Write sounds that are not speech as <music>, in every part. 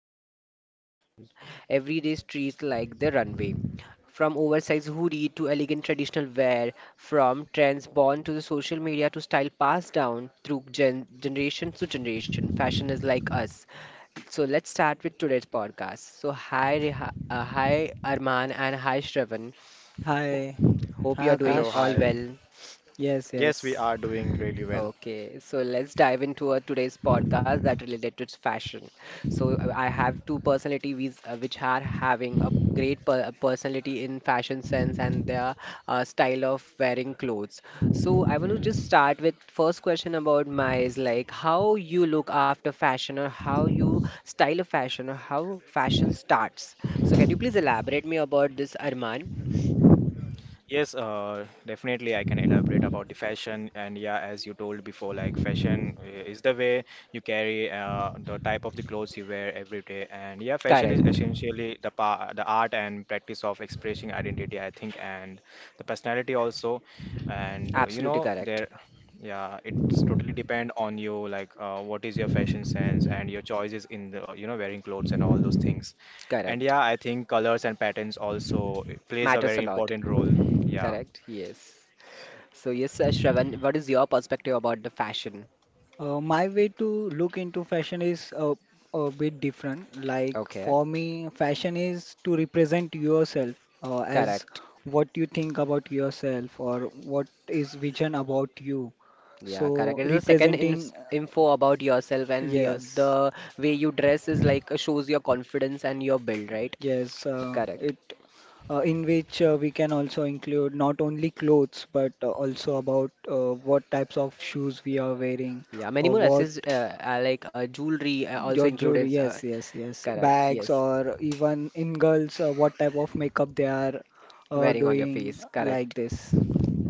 confidence walk down. Everyday streets like the runway. From oversized hoodie to elegant traditional wear, from trends born to the social media to style passed down through generation to generation, fashion is like us. So let's start with today's podcast. So hi, hi Arman and hi Shravan. Ho- Hi. hope Hi, you are doing Hello, all Akash. hi. well. Yes, Yes, yes. we are doing really well. Okay, so let's dive into our today's podcast that related to fashion. So I have two personalities which are having a great personality in fashion sense and their style of wearing clothes. So I want to just start with first question about my is like how you look after fashion or how you style a fashion or how fashion starts. So can you please elaborate me about this, Arman? Yes, definitely I can elaborate about the fashion. As you told before, like fashion is the way you carry the type of the clothes you wear every day. Fashion is Correct. essentially the art and practice of expressing identity, I think, and the personality also. And you Absolutely know, correct. there, yeah, it's totally depend on you, like what is your fashion sense and your choices in the, you know, wearing clothes and all those things. Correct. I think colors and patterns also plays a Matters very a lot. important role. Yeah. Correct? Yes. So yes, Shravan, what is your perspective about the fashion? My way to look into fashion is a bit different. Like Okay, for me, fashion is to represent yourself as correct. what you think about yourself or what is vision about you. Yeah, correct. So It is the second ins representing, info about yourself and your, yes, the way you dress is like shows your confidence and your build, right? yes, Correct. it in which we can also include not only clothes but also about what types of shoes we are wearing Yeah, many or more what access like jewelry also your included. jewelry, yes, yes, yes, Correct. bags Yes, or even in girls, what type of makeup they are wearing on your doing face. like Correct. this.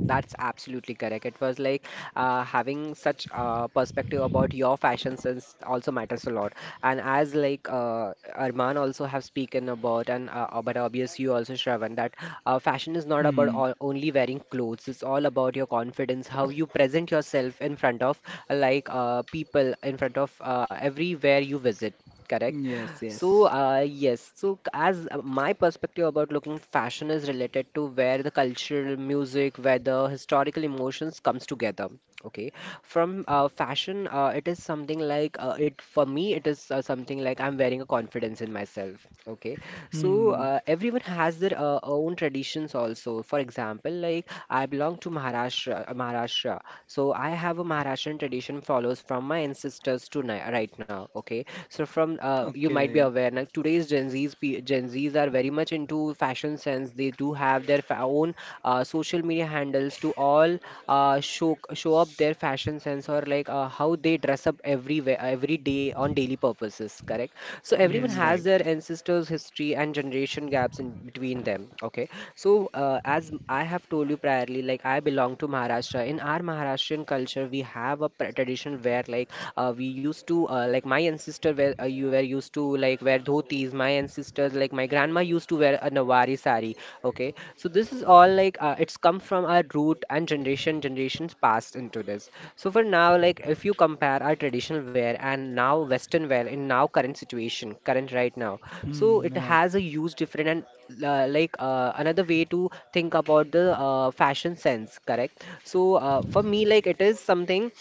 That's absolutely correct. It was like having such a perspective about your fashion sense also matters a lot. And as like Arman also have spoken about, and but obvious you also Shravan that fashion is not about Hmm. all, only wearing clothes. It's all about your confidence, how you present yourself in front of like people, in front of everywhere you visit. Correct. Yes, So, yes. Yes. So as my perspective about looking fashion is related to where the cultural music, where the historical emotions comes together. Okay, from fashion, it is something like it for me. It is something like I'm wearing a confidence in myself. Okay, so Hmm. Everyone has their own traditions also. For example, like I belong to Maharashtra, Maharashtra, so I have a Maharashtrian tradition follows from my ancestors to right now. Okay, so from you might be Okay. aware like today's Gen Z's are very much into fashion sense. They do have their own social media handles to all show up their fashion sense or like how they dress up everywhere every day on daily purposes. Correct. So everyone Hmm. Yes, has right. Right. their ancestors' history and generation gaps in between them. Okay. So as I have told you priorly, like I belong to Maharashtra. In our Maharashtrian culture, we have a tradition where like we used to like my ancestor were you were used to like wear dhotis. My ancestors like my grandma used to wear a Nawari sari. Okay, so this is all like it's come from our root and generation generations passed into this. So for now, like if you compare our traditional wear and now Western wear in now current situation, current right now, so Hmm. it Right. has a huge different and like another way to think about the fashion sense, correct? So for me, like it is something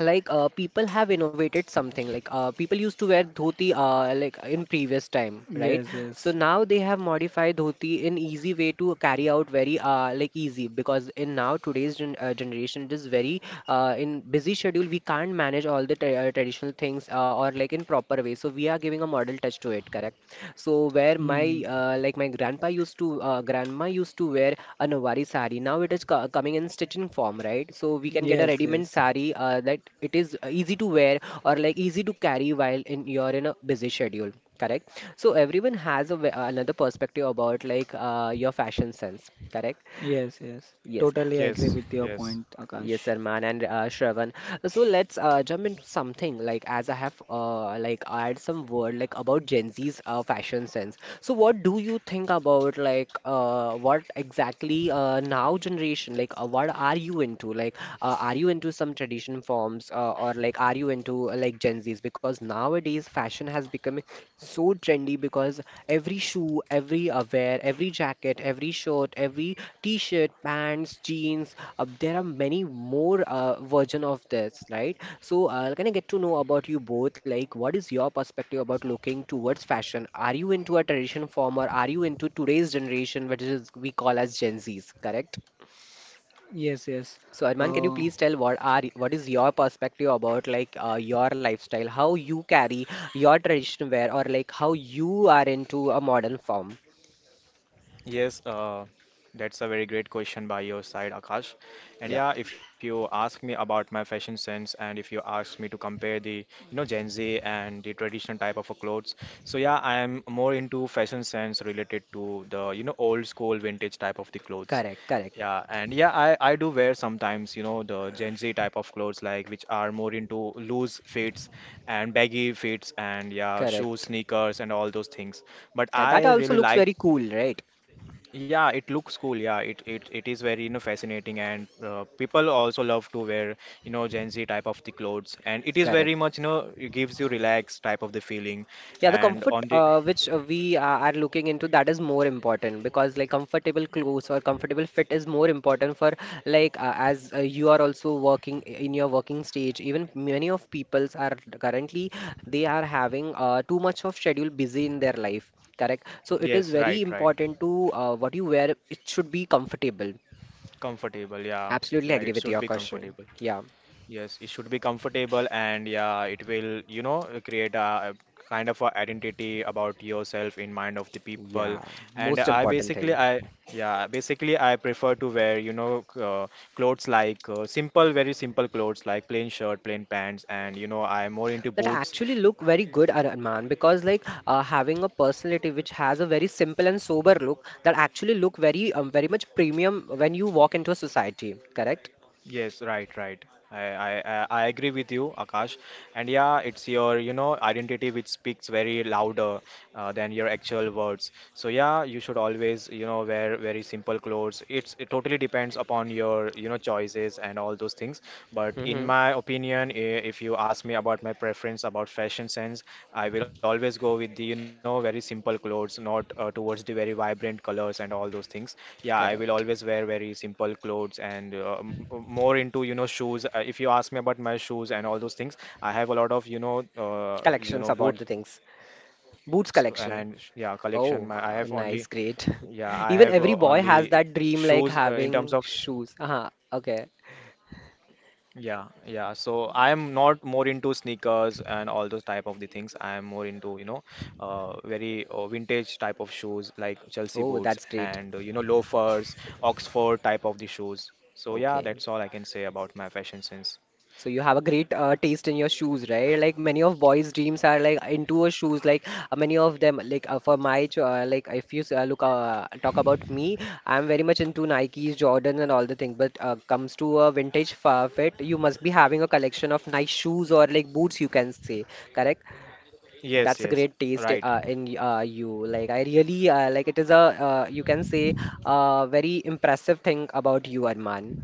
like people have innovated something like people used to wear dhoti like in previous time, right? Yes, So yes. now they have modified dhoti in easy way to carry out very like easy because in now today's generation it is very in busy schedule we can't manage all the traditional things or like in proper way, so we are giving a model touch to it, correct? So where Hmm. my like my grandpa used to grandma used to wear a Nawari sari. Now it is co coming in stitching form, right? So we can get a Yes, ready-made yes. sari that it is easy to wear or like easy to carry while in you're in a busy schedule. Correct. So everyone has a, another perspective about like your fashion sense. Correct. Yes, yes. Yes. Totally Yes. agree with your Yes. point, Yes, Akash. Arman and Shravan. So let's jump into something like as I have like add some word like about Gen Z's fashion sense. So what do you think about like what exactly now generation like what are you into? Like are you into some tradition forms or like are you into like Gen Z's? Because nowadays fashion has become so trendy because every shoe, every wear, every jacket, every shirt, every t-shirt, pants, jeans, there are many more version of this, right? So can I get to know about you both? Like, what is your perspective about looking towards fashion? Are you into a tradition form or are you into today's generation, which is we call as Gen Zs, correct? Yes, yes. So Arman, can you Uh, please tell what are what is your perspective about like your lifestyle, how you carry your traditional wear, or like how you are into a modern form? Yes, uh, that's a very great question by your side, Akash. And Yeah. yeah, if you ask me about my fashion sense and if you ask me to compare the, you know, Gen Z and the traditional type of a clothes, so yeah, I am more into fashion sense related to the, you know, old school vintage type of the clothes. Correct, correct, Yeah, and yeah, I do wear sometimes, you know, the Gen Z type of clothes like which are more into loose fits and baggy fits and yeah, shoes, correct. sneakers and all those things. But Yeah, that I also really looks like very cool, right? yeah, it looks cool. It is very, you know, fascinating and people also love to wear, you know, Gen Z type of the clothes, and it is very Correct. much, you know, it gives you relaxed type of the feeling Yeah, the and comfort on the which we are looking into that is more important because like comfortable clothes or comfortable fit is more important for like as you are also working in your working stage. Even many of peoples are currently they are having too much of schedule busy in their life. Correct. So it is yes, very right, right. important to what you wear. It should be comfortable. Comfortable. Yeah. Absolutely Yeah, agree it with should your be question. comfortable. Yeah, Yes, it should be comfortable and yeah, it will, you know, create a kind of a identity about yourself in mind of the people. yeah, And most I important basically, thing. I yeah, basically I prefer to wear, you know, clothes like simple, very simple clothes like plain shirt, plain pants, and you know, I'm more into That boots. actually look very good, Arman, because like having a personality which has a very simple and sober look that actually look very very much premium when you walk into a society, correct. Yes, right, right. I agree with you, Akash. And yeah, it's your, you know, identity which speaks very louder than your actual words. So yeah, you should always, you know, wear very simple clothes. It's it totally depends upon your, you know, choices and all those things. But in Mm-hmm. my opinion, I- If you ask me about my preference about fashion sense. I will always go with the, you know, very simple clothes, not towards the very vibrant colors and all those things. Yeah, I will Correct. always wear very simple clothes and more into, you know, shoes. If you ask me about my shoes and all those things, I have a lot of, uh, you Collections know, about the boots things. and yeah, Boots collection. My, I collection. have only. Oh, Yeah, I nice, have great. only <laughs> Even every boy shoes has in that terms of dream like having shoes, uh huh. Okay. yeah, yeah. So I'm not more into sneakers and all those type of the things. I'm more into, you know, very vintage type of shoes like Chelsea Oh, boots that's great. and, you know, loafers, Oxford type of the shoes. So yeah, Okay. that's all I can say about my fashion sense. So you have a great taste in your shoes, right? Like many of boys' dreams are like into a shoes. Like many of them, like for my like if you look talk about me, I'm very much into Nikes, Jordan, and all the thing. But comes to a vintage fit, you must be having a collection of nice shoes or like boots, you can say, correct? Yes, yes. That's a great Right. taste in you. Like I really like it is a you can say a very impressive thing about you, Arman.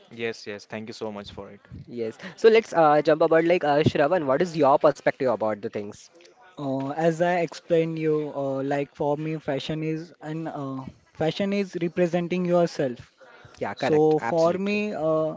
Yes, yes. Thank you so much for it. Yes. So let's jump about like Shravan. What is your perspective about the things? As I explained you, like for me, fashion is representing yourself. Yeah, So correct. for me, Absolutely. uh,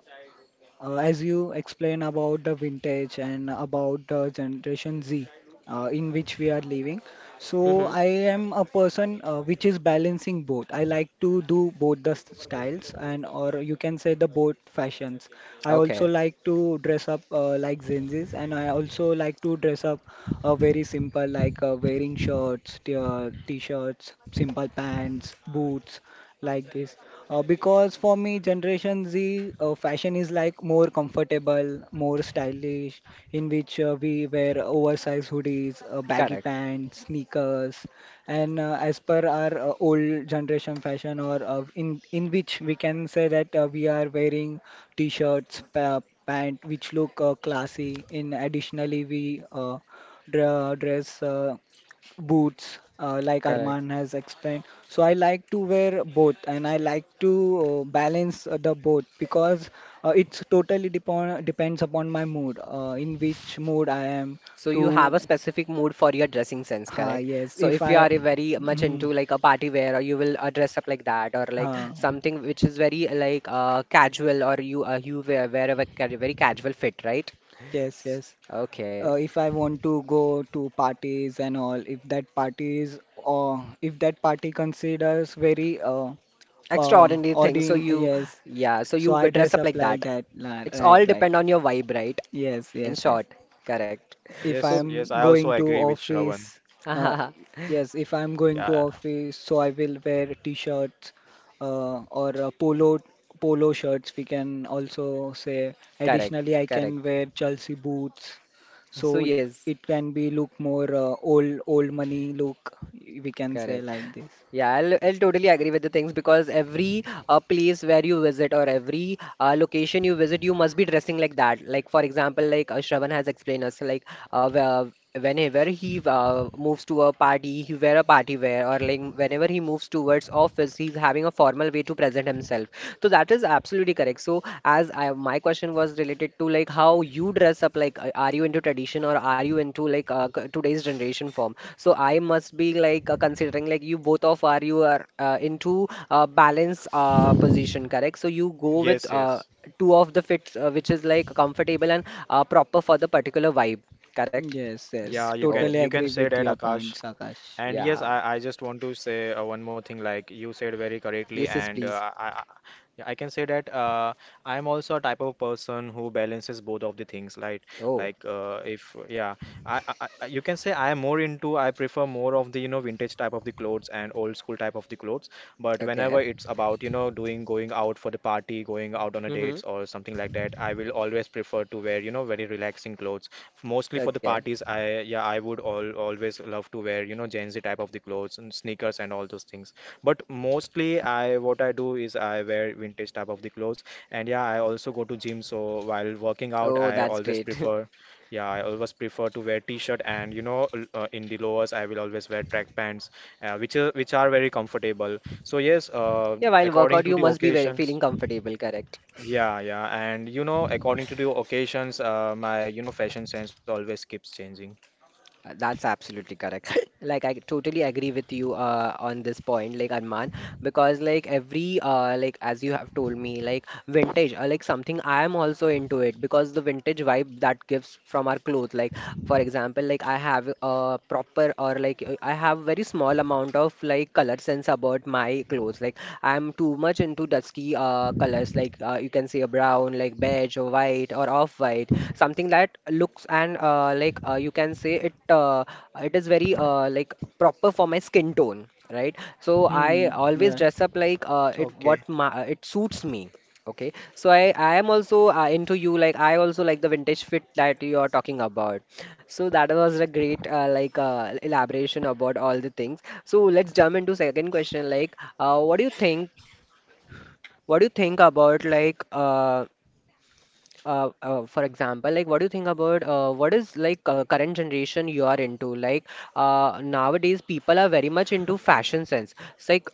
Uh, as you explain about the vintage and about the Generation Z in which we are living, so Mm-hmm. I am a person which is balancing both. I like to do both the styles, and or you can say the both fashions. I Okay. also like to dress up like Gen Zs, and I also like to dress up very simple, like wearing shirts, t-shirts, simple pants, boots like this, because for me Generation Z fashion is like more comfortable, more stylish, in which we wear oversized hoodies, baggy Correct. pants, sneakers. And as per our old generation fashion, or in which we can say that we are wearing t-shirts pa pant which look classy. In additionally we uh, dra dress boots, like Correct. Arman has explained. So I like to wear both, and I like to balance the both, because it's totally depend depends upon my mood, in which mood I am So you to. have a specific mood for your dressing sense, Ha, correct? yes. So If if you I, are very much mm, into like a party wear, or you will dress up like that, or ha, like something which is very like casual, or you wear, a very casual fit, right? yes, S- yes. okay. If I want to go to parties and all, if that party is or if that party considers very uh Extraordinary thing. So ordin, you, yes, yeah, so so you I dress dress up up like like that. that. It's Right, all right. depend on your vibe, right? Yes, In yes, yes. short, correct. If I So, Yes, yes. am I going also to agree with Shravan. office, <laughs> uh, correct, yes, if I'm going to Yeah. office, so I will wear t-shirts or polo shirts, we can also say. Additionally, I can correct. wear Chelsea boots, So so yes, it can be look more old money look, we can say, correct. like this. Yeah, I'll totally agree with the things because every place where you visit or every location you visit, you must be dressing like that. Like for example, like Shravan has explained us, like whenever he moves to a party, he wear a party wear, or like whenever he moves towards office, he's having a formal way to present himself. So that is absolutely correct. So as I my question was related to like how you dress up, like are you into tradition or are you into like today's generation form, so I must be like considering like you both of are you are into balance position, correct? So you go with Yes, yes. two of the fits which is like comfortable and proper for the particular vibe, correct. Yes, Yeah, yes, Oh, totally you can agree say with that, your Akash. points, Akash. And yes, yeah, I, I just want to say one more thing. Like you said very correctly, yes, yes, and uh, please. I, I yeah, I can say that I am also a type of person who balances both of the things. Oh, Like if yeah, I- You can say I am more into I prefer more of the you know vintage type of the clothes and old school type of the clothes. But whenever okay. it's about you know doing going out for the party, going out on a Mm-hmm. dates or something like that, I will always prefer to wear you know very relaxing clothes. Mostly for the Okay. parties, I yeah, I would all always love to wear, you know, Gen Z type of the clothes and sneakers and all those things. But mostly I what I do is I wear vintage type of the clothes. And yeah, I also go to gym, so while working out, Oh, I that's always great. <laughs> prefer yeah, I always prefer to wear t-shirt and you know, in the lowers, I will always wear track pants, which are very comfortable. So Yeah, while according workout, to you the must be very occasions. feeling comfortable, correct? Yeah, yeah. And you know, according to the occasions, my, you know, fashion sense always keeps changing. That's absolutely correct. <laughs> Like I totally agree with you on this point, like Arman, because like every like as you have told me, like vintage, like something I am also into it because the vintage vibe that gives from our clothes. Like for example, like I have a proper or I have very small amount of like color sense about my clothes. Like I'm too much into dusky colors, like you can say a brown, like beige or white or off-white, something that looks and you can say it. It is very like proper for my skin tone, right? So I Hmm, always right, dress up Okay. like it suits me. Okay, so I am also into you like I also like the vintage fit that you are talking about. So that was a great elaboration about all the things. So let's jump into second question. Like, what do you think? What do you think about for example, like what do you think about what is current generation you are into? Like nowadays people are very much into fashion sense. It's like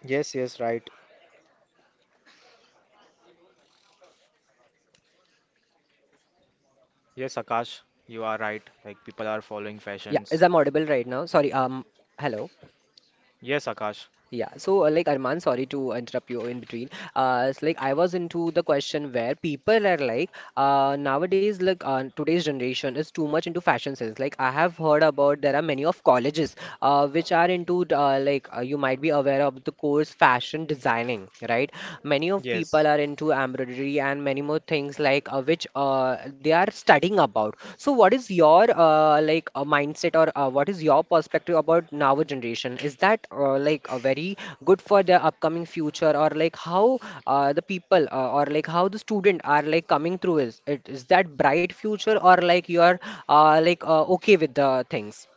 Yes, yes, right. Yes, Akash, you are right. Like people are following yeah, fashions. is I'm audible right now? Sorry. Hello. Yes, Akash. Yeah, so like Arman, sorry to interrupt you in between. It's like I was into the question where people are like, nowadays, today's generation is too much into fashion sense. Like I have heard about there are many of colleges, which are into you might be aware of the course fashion designing, right? Many of people are Yes. into embroidery and many more things which they are studying about. So, what is your mindset or what is your perspective about now generation? Is that very good for the upcoming future or like how the people or like how the student are like coming through? Is that bright future or like you are okay with the things?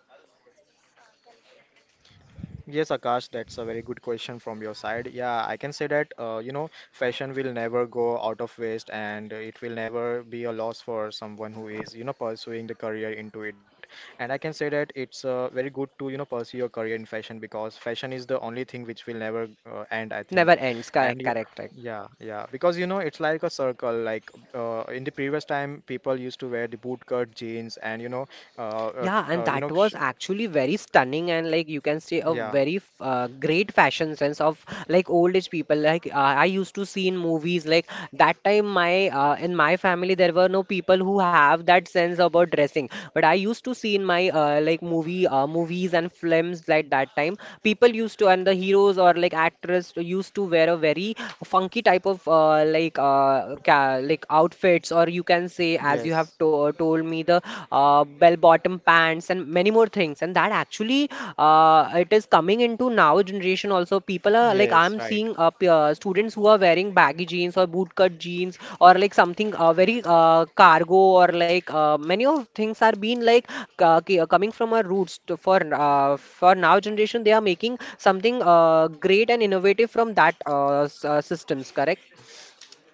Yes, Akash, that's a very good question from your side. Yeah, I can say that, you know, fashion will never go out of waste and it will never be a loss for someone who is, you know, pursuing the career into it. And I can say that it's very good to, you know, pursue your career in fashion because fashion is the only thing which will never end, I Never think. ends. Correct. And yeah, Correct. Right. yeah, yeah, because, you know, it's like a circle. Like in the previous time, people used to wear the bootcut jeans and, uh, uh, Yeah, and you that know, sh was actually very stunning and like you can say a yeah, very great fashion sense of like old age people. Like I used to see in movies like that time my in my family there were no people who have that sense about dressing. But I used to see in my movies and films like that time people used to and the heroes or like actors used to wear a very funky type of like ca like outfits or you can say, as you yes, have told me, the bell-bottom pants and many more things. And that actually it is coming into now generation also. People are like yes, I'm right. seeing students who are wearing baggy jeans or bootcut jeans or like something very cargo or many of things are being like coming from our roots to, for now generation. They are making something great and innovative from that systems. Correct?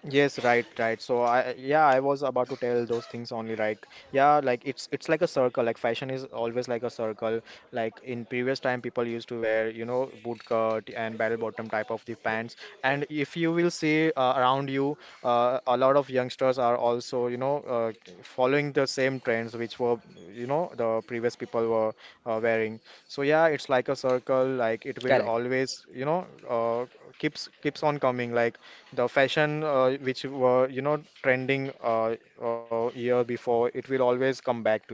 Yes, right, right. So I yeah, I was about to tell those things only like yeah, like it's like a circle. Like fashion is always like a circle. Like in previous time people used to wear, you know, bootcut and barrel bottom type of the pants. And if you will see around you, a lot of youngsters are also, you know, following the same trends which were, you know, the previous people were wearing. So yeah, it's like a circle. Like it will Correct. always, you know, keeps keeps on coming. Like the fashion which were you know trending year before it will always come back to you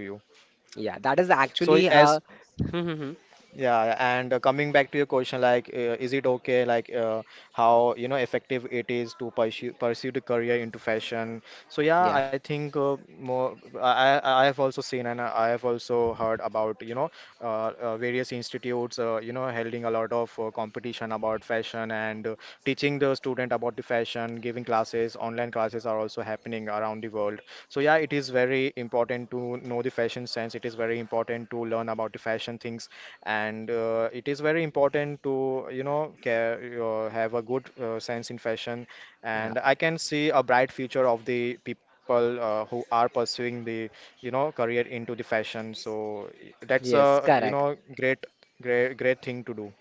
Yeah, that is so actually as <laughs> yeah, yeah, and coming back to your question, like, is it okay, like, how, you know, effective it is to pursue the career into fashion? So yeah, yeah, I think more. I have also seen and I have also heard about, you know, various institutes, you know, holding a lot of competition about fashion and teaching the student about the fashion, giving classes. Online classes are also happening around the world. So yeah, it is very important to know the fashion sense. It is very important to learn about the fashion things and it is very important to you know have a good sense in fashion yeah. and I can see a bright future of the people who are pursuing the you know career into the fashion so that's Yes, a you correct. know great thing to do.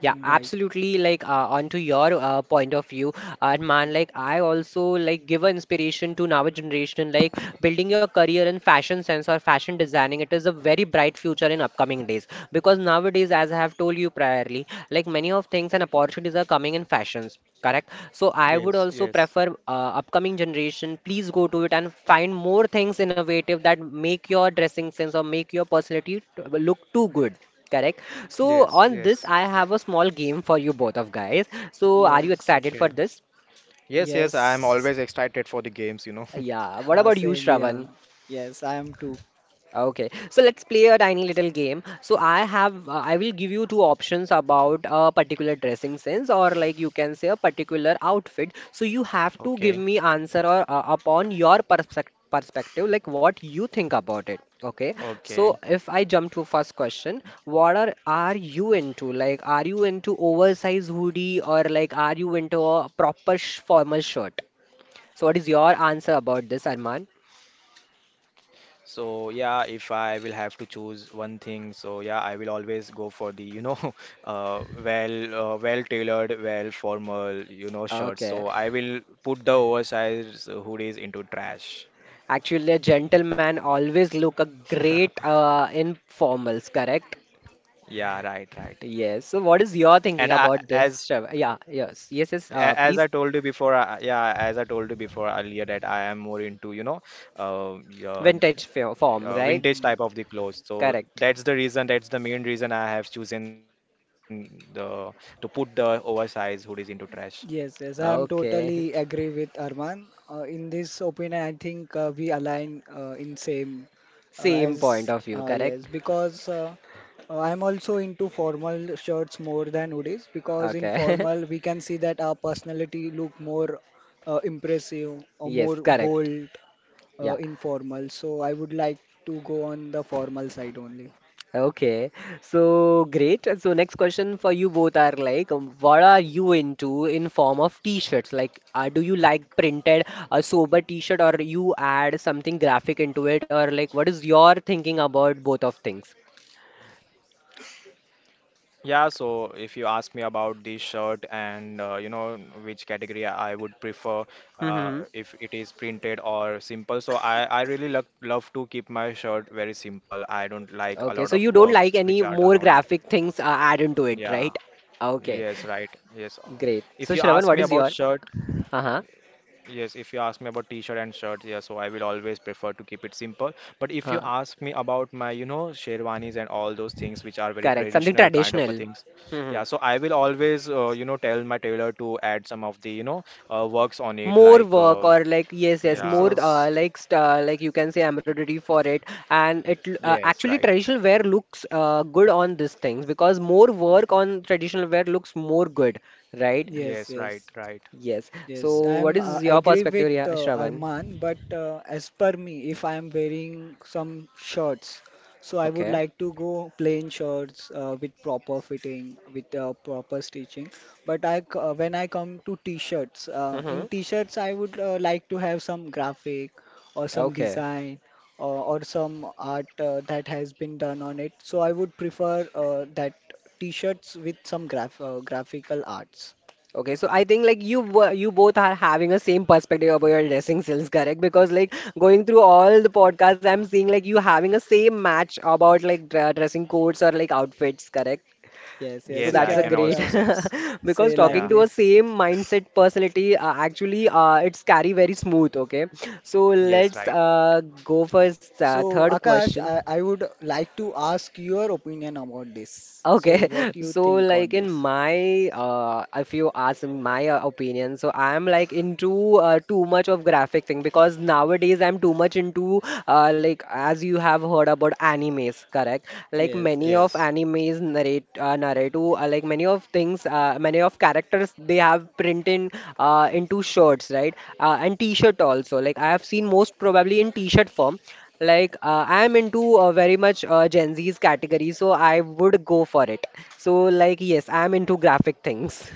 Yeah, right, absolutely. Like onto your point of view, and man, like I also like give a inspiration to now generation. Like building your career in fashion sense or fashion designing, it is a very bright future in upcoming days. Because nowadays, as I have told you priorly, like many of things and opportunities are coming in fashions. Correct. So I Yes, would also yes, prefer upcoming generation. Please go to it and find more things innovative that make your dressing sense or make your personality look too good. Correct. So yes, on this, yes. I have a small game for you both of guys. So are you yes. excited for Okay, this? yes, yes, I am Yes. always excited for the games, you know. Yeah. What about you, Same here. Shravan? Yes, I am too. Okay, so let's play a tiny little game. So I have, I will give you two options about a particular dressing sense, or like you can say a particular outfit. So you have to <laughs> give me Okay, answer or upon your perspective, like what you think about it. Okay, so if okay. I jump to first question, what are you into? Like, are you into oversized hoodie or like are you into a proper sh formal shirt? So what is your answer about this, Arman? So yeah, if I will have to choose one thing, so yeah, I will always go for the, you know, <laughs> well tailored, well formal, you know, shirts. Okay. So I will put the oversized hoodies into trash. Actually, a gentleman always look a great <laughs> in formals, correct? Yeah, right, right. Yes. So, what is your And thinking I, about this? as Shrav- Yeah. Yes. Yes. Yes. A- As I Please. told you before, as I told you before earlier that I am more into, you know, uh, yeah, Vintage fo- form, vintage type right? of the Mm. clothes. So that's the Correct. reason, that's the main reason I have chosen the to put the oversized hoodies into trash. Yes, yes, I am Okay. totally agree with Arman. In this opinion, I think we align in same. <laughs> Same point As of view, correct? Yes, because I'm also into formal shirts more than hoodies, because in Okay. <laughs> formal we can see that our personality look more impressive, or Yes. more Correct. bold Yeah. in formal. So I would like to go on the formal side only. Okay, so great. So next question for you both are like, what are you into in form of t-shirts? Like, do you like printed a sober t-shirt or you add something graphic into it or like what is your thinking about both of things? Yeah, so if you ask me about the shirt and you know which category I would prefer Mm-hmm. if it is printed or simple, so I really love to keep my shirt very simple. I don't like a Okay, lot so of you don't works like any which are more done on it. graphic things add into it, Yeah. right? Okay, Yes, right. Yes. Great. If So you Shravan, ask what me is about your? shirt, Uh-huh. yes, if you ask me about t-shirt and shirt, yes, so I will always prefer to keep it simple. But if you Uh, ask me about my, you know, sherwanis and all those things which are very correct. Something traditional kind of a traditional. things, yeah, so I will always, you know, tell my tailor to add some of the, you know, works on it More like, work or like yes yes Yes, more yeah, yes, like you can say embroidery for it and it yes, actually right. traditional wear looks good on these things because more work on traditional wear looks more good, right? yes, Yes, right, yes. right. Yes so Yes, what I'm is your agree with perspective yeah Shravan Arman, but as per me, if I am wearing some shorts, so I would okay like to go plain shorts with proper fitting, with proper stitching. When I come to t-shirts, in mm-hmm. t-shirts I would like to have some graphic, or some Okay. design, or some art that has been done on it. So I would prefer that t-shirts with some graphical arts. Okay, so I think like you both are having a same perspective about your dressing sense, correct? Because like going through all the podcasts, I'm seeing like you having a same match about like dressing codes or like outfits, correct? Yes, So yes, Yes, you that's I a can can. great also sense. <laughs> because Say like talking Yeah, to a this. same mindset personality actually it's carry very smooth. Okay, so <laughs> yes, let's right. Go first So, third Akash, question. I would like to ask your opinion about this. So, Okay, what do <laughs> you so think on like in this? my if you ask me my opinion, so I am like into too much of graphic thing because nowadays I'm too much into like as you have heard about animes, correct? Like Yes, many yes. of Yes. animes narrate narrative like many of things, many of characters they have printed into shirts, right? And t-shirt also. Like I have seen most probably in t-shirt form. Like I am into very much Gen Z's category, so I would go for it. So like yes, I am into graphic things.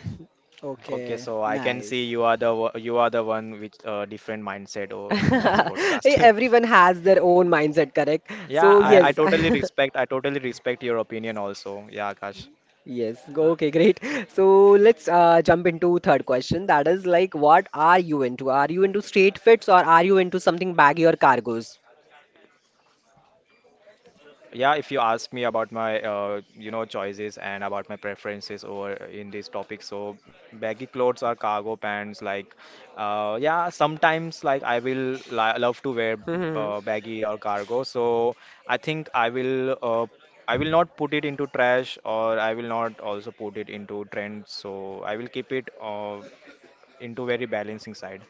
Okay, Okay, so I can see nice. you are the wo- you are the one with different mindset oh, in this <laughs> <laughs> podcast. <laughs> Everyone has their own mindset, correct? Yeah, So I, I yes. Right, <laughs> totally respect I totally respect your opinion also. Yeah, Akash. Yes. go- Okay, great. <laughs> So let's jump into third question. That is like, what are you into? Are you into straight fits or are you into something baggy or cargos? Yeah, if you ask me about my you know choices and about my preferences over in this topic, so baggy clothes or cargo pants, like yeah, sometimes like I will li love to wear Mm-hmm. Baggy or cargo. So I think I will not put it into trash or I will not also put it into trend. So I will keep it into very balancing side.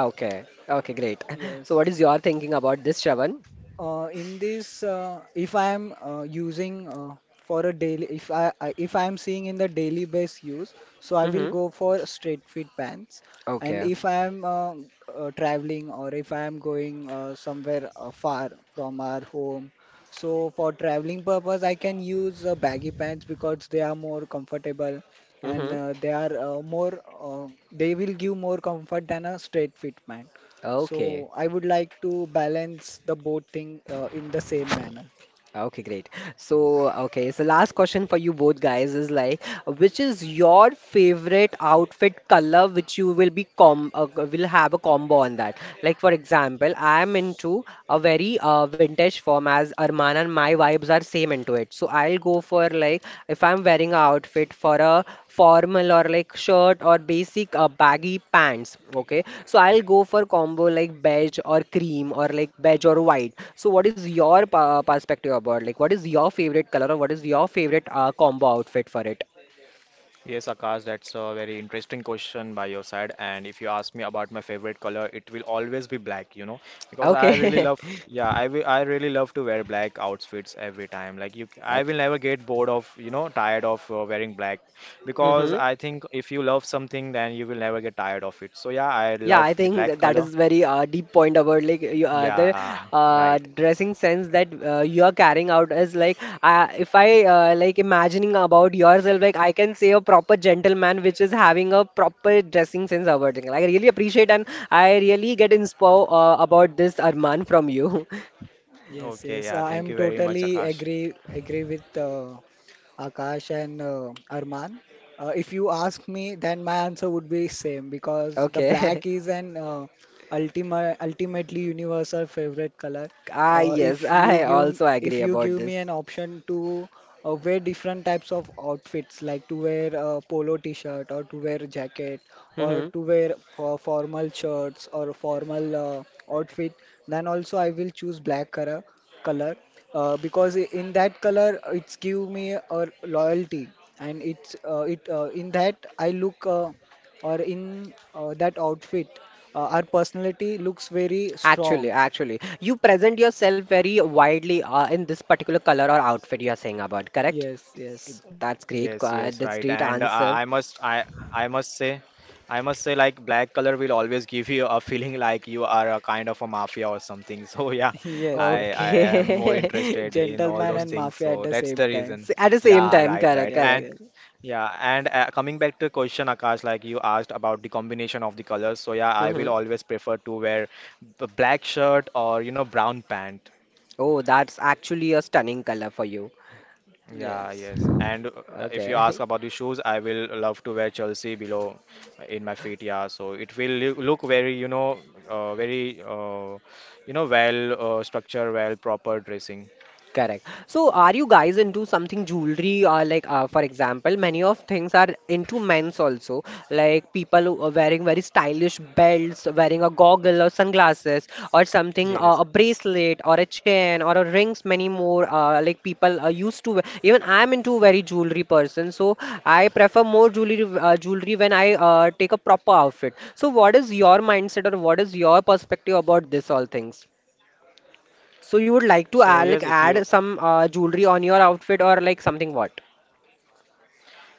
Okay. Okay, great. <laughs> So yes. what is your thinking about this, Shravan? In this, if I am using for a daily, if I am seeing in the daily base use, so I will Mm-hmm. go for straight fit pants. And Okay. if I am traveling, or if I am going somewhere far from our home, so for traveling purpose, I can use baggy pants, because they are more comfortable, and Mm-hmm. They are more they will give more comfort than a straight fit pant. Okay. So I would like to balance the both thing in the same manner. Okay, great. So, okay, so last question for you both guys is like, which is your favorite outfit color which you will be com will have a combo on that? Like for example, I am into a very vintage form as Arman and my vibes are same into it. So I'll go for like if I'm wearing a outfit for a formal or like shirt or basic baggy pants. Okay, so I'll go for combo like beige or cream or like beige or white. So what is your perspective about like what is your favorite color or what is your favorite combo outfit for it? Yes, Akash, that's a very interesting question by your side. And if you ask me about my favorite color, it will always be black, you know, because I really Okay. love, yeah, I really love to wear black outfits every time. Like you, <laughs> I will never get bored of, you know, tired of wearing black because Mm-hmm. I think if you love something, then you will never get tired of it. So yeah, I Yeah, I love the think black that is color. very deep point about like you, the Yeah, right. dressing sense that you are carrying out is like if I like imagining about yourself, like I can say a proper gentleman which is having a proper dressing sense about it. Like, I really appreciate and I really get inspired about this Arman from you. <laughs> Yes, Okay, yes, yeah, I thank am you very much, totally Akash. agree with Akash and Arman. If you ask me, then my answer would be same, because the Okay. black is an ultimately universal favorite color. <laughs> Ah, yes, I also If agree you about give me this. an option to wear different types of outfits, like to wear a polo t-shirt, or to wear a jacket, or Hmm. to wear for formal shirts, or formal outfit, then also I will choose black color, because in that color it's give me a loyalty, and it's it in that I look or in that outfit, our personality looks very Actually, strong. actually, you present yourself very widely in this particular color or outfit you are saying about, correct? Yes, yes. Yes, That's yes, great, right. Quad. And That's great answer. I must say, I must say, like black color will always give you a feeling like you are a kind of a mafia or something. <laughs> So yeah, <laughs> Yes, yes. I am more Okay. interested <laughs> in all Gentleman those and things. mafia So at the that's the same time. reason. S- at the same Yeah, time, right, correct, right. Yes, And correct. yes, yeah, and coming back to question, Akash, like you asked about the combination of the colors. So yeah, I Hmm. will always prefer to wear black shirt or you know brown pant. Oh, that's actually a stunning color for you. Yeah, yes. yes. And if you ask Okay. <laughs> about the shoes, I will love to wear Chelsea below in my feet. Yeah, so it will look very, you know, uh, very, uh, you know, well structured, well proper dressing. Correct. So, are you guys into something jewelry or like, for example, many of things are into men's also, like people who are wearing very stylish belts, wearing a goggle or sunglasses or something, a Yes. bracelet or a chain or a rings, many more. Like people are used to. Wear- Even I am into very jewelry person, so I prefer more jewelry when I take a proper outfit. So, what is your mindset or what is your perspective about this all things? So you would like to So add, yes, like if you, add some jewelry on your outfit or like something what?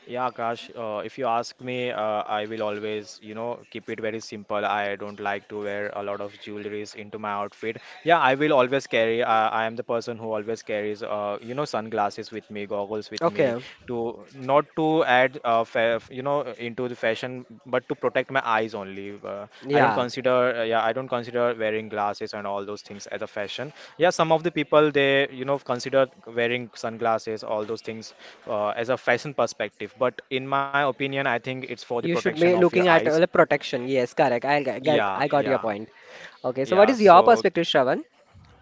yeah, Akash, if you ask me, I will always, you know, keep it very simple. I don't like to wear a lot of jewelries into my outfit. Yeah, I will always carry. I am the person who always carries, you know, sunglasses with me, goggles with me, Okay. to not to add fa you know into the fashion but to protect my eyes only, I don't Yeah. consider wearing glasses and all those things as a fashion. Yeah, some of the people, they, you know, consider wearing sunglasses, all those things as a fashion perspective, but in my opinion I think it's for the You should protection be of your looking at eyes. The protection. Yes, correct. I g- get Yeah, I got your yeah, point. Okay. So what yeah. is your So perspective, Shravan?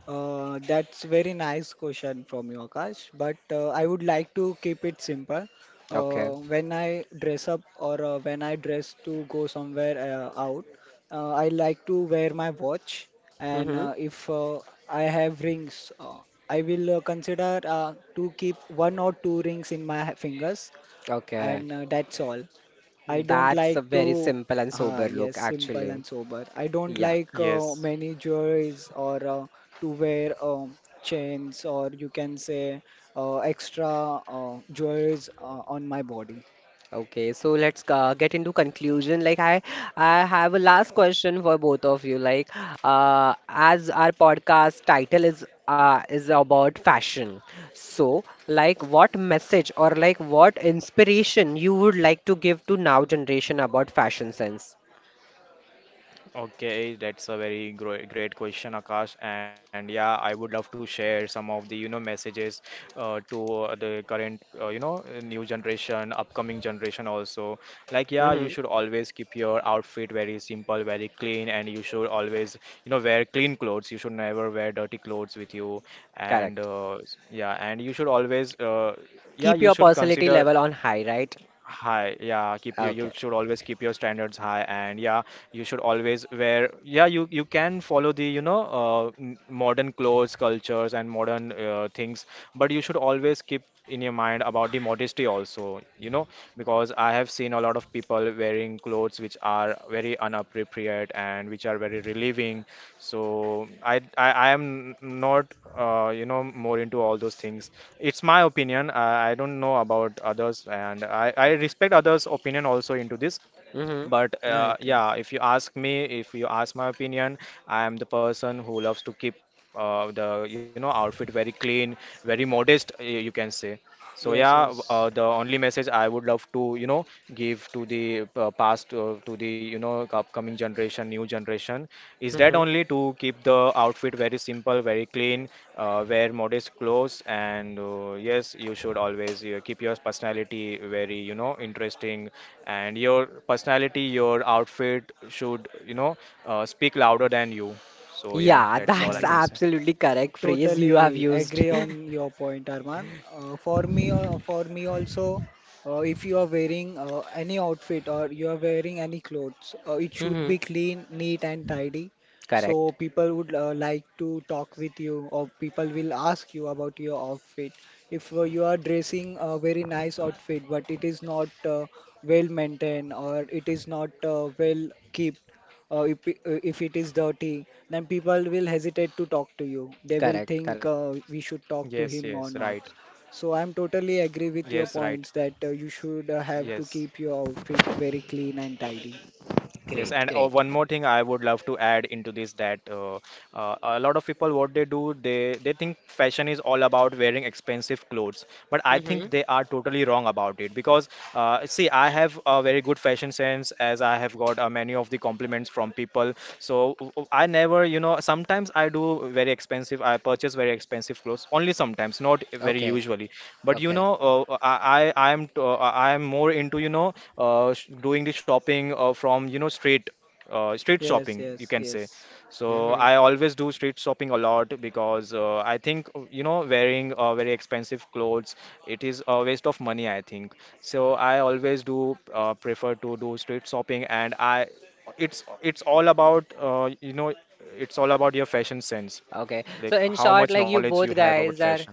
That's very nice question from you, Akash. But I would like to keep it simple. Okay. When I dress up, or when I dress to go somewhere out, I like to wear my watch. And Mm-hmm. If I have rings, I will consider to keep one or two rings in my fingers, Okay. and that's all. I don't That's a like very to, simple and sober yes, look simple actually. and sober. I don't Yeah. like yes. many jewelries, or to wear chains, or you can say extra jewelries on my body. Okay, so let's get into conclusion. Like I have a last question for both of you. Like, as our podcast title is about fashion, so like, what message or like what inspiration you would like to give to now generation about fashion sense? Okay, that's a very great question, Akash. And yeah, I would love to share some of the you know messages to the current you know new generation, upcoming generation also. Like yeah, you Mm-hmm. should always keep your outfit very simple, very clean, and you should always you know wear clean clothes. You should never wear dirty clothes with you. And Correct. Yeah, and you should always yeah, Keep you your should personality consider level on high, right? high. Yeah, keep your you Okay. should always keep your standards high. And yeah, you should always wear, yeah, you can follow the, you know, modern clothes cultures and modern things, but you should always keep in your mind about the modesty also, you know, because I have seen a lot of people wearing clothes which are very inappropriate and which are very relieving. So I am not you know more into all those things. It's my opinion. I don't know about others, and I respect others' opinion also into this, Mm-hmm. but Right, right. yeah, if you ask my opinion, I am the person who loves to keep the you know outfit very clean, very modest, you can say. So yeah, Yes, yes. the only message I would love to, you know, give to the to the, you know, upcoming generation, new generation, is that Mm-hmm. only to keep the outfit very simple, very clean, wear modest clothes, and yes, you should always keep your personality very, you know, interesting, and your personality, your outfit should, you know, speak louder than you. So yeah, Yeah, <laughs> that's all Yeah, I that's yeah. can say. absolutely correct phrase you have Totally used. agree <laughs> on your point, Arman. For me also, if you are wearing any outfit, or you are wearing any clothes, it should Mm-hmm. be clean, neat, and tidy. So Correct. people would like to talk with you, or people will ask you about your outfit. If you are dressing a very nice outfit, but it is not well maintained, or it is not well kept, if it is dirty, then people will hesitate to talk to you. They will Correct. think Correct. We should Yes, talk to yes, him or right. not. So I'm totally agree with Yes, your right. points, that you should have to Yes. keep your outfit very clean and tidy. Yes, Great, and great. one more thing I would love to add into this, that a lot of people, what they do, they think fashion is all about wearing expensive clothes, but I Mm-hmm. think they are totally wrong about it, because see, I have a very good fashion sense, as I have got many of the compliments from people. So I never, you know, sometimes I do very expensive, I purchase very expensive clothes only sometimes, not very Okay, usually, but you okay, know, I am I am more into you know doing the shopping from you know street street Yes, shopping you yes, can say. yes. So Mm-hmm. I always do street shopping a lot because I think you know wearing very expensive clothes, it is a waste of money I think. So I always do prefer to do street shopping. And I it's all about you know, it's all about your fashion sense, Okay. like So how in much short, knowledge like you you have both about guys fashion. are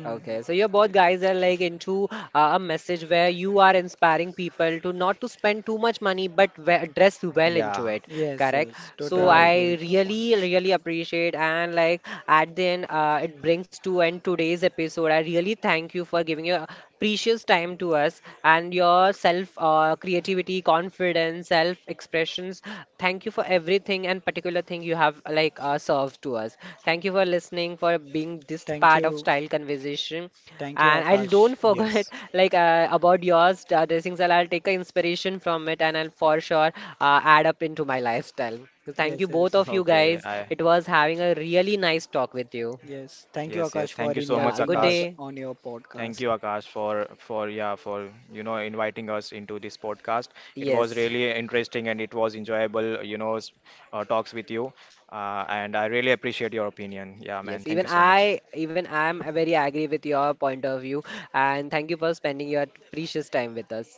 okay. So you both guys are like into a message where you are inspiring people to not to spend too much money, but we dress well Yeah, into it. Yes, Correct. yes. So Totally right. agree I with your really, points. really appreciate and like at the end, it brings to end today's episode. I really thank you for giving your precious time to us and your self creativity confidence self expressions, thank you for everything and particular thing you have like served to us. Thank you for listening, for being this Thank part of you. style conversation. Thank you, And I'll Akash. don't Yes. forget <laughs> like about yours dressing style, I'll take a inspiration from it and I'll for sure add up into my lifestyle. Thank you Yes, both yes. of you Okay. guys, I it was having a really nice talk with you. Yes. Thank you, yes, yes. Akash, for Thank you so Yeah, much, good inviting us Akash. day. on your Thank podcast. you, Akash, for yeah, for you know inviting us into this podcast. It was Yes. really interesting and it was enjoyable, you know, talks with you. And I really appreciate your opinion. Yeah, man. Yes, Thank even you so much. I, even I'm very agree with your point of view, and thank you for spending your precious time with us.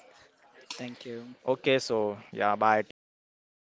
Thank you. Okay, so yeah, bye. Take care. Stay classy.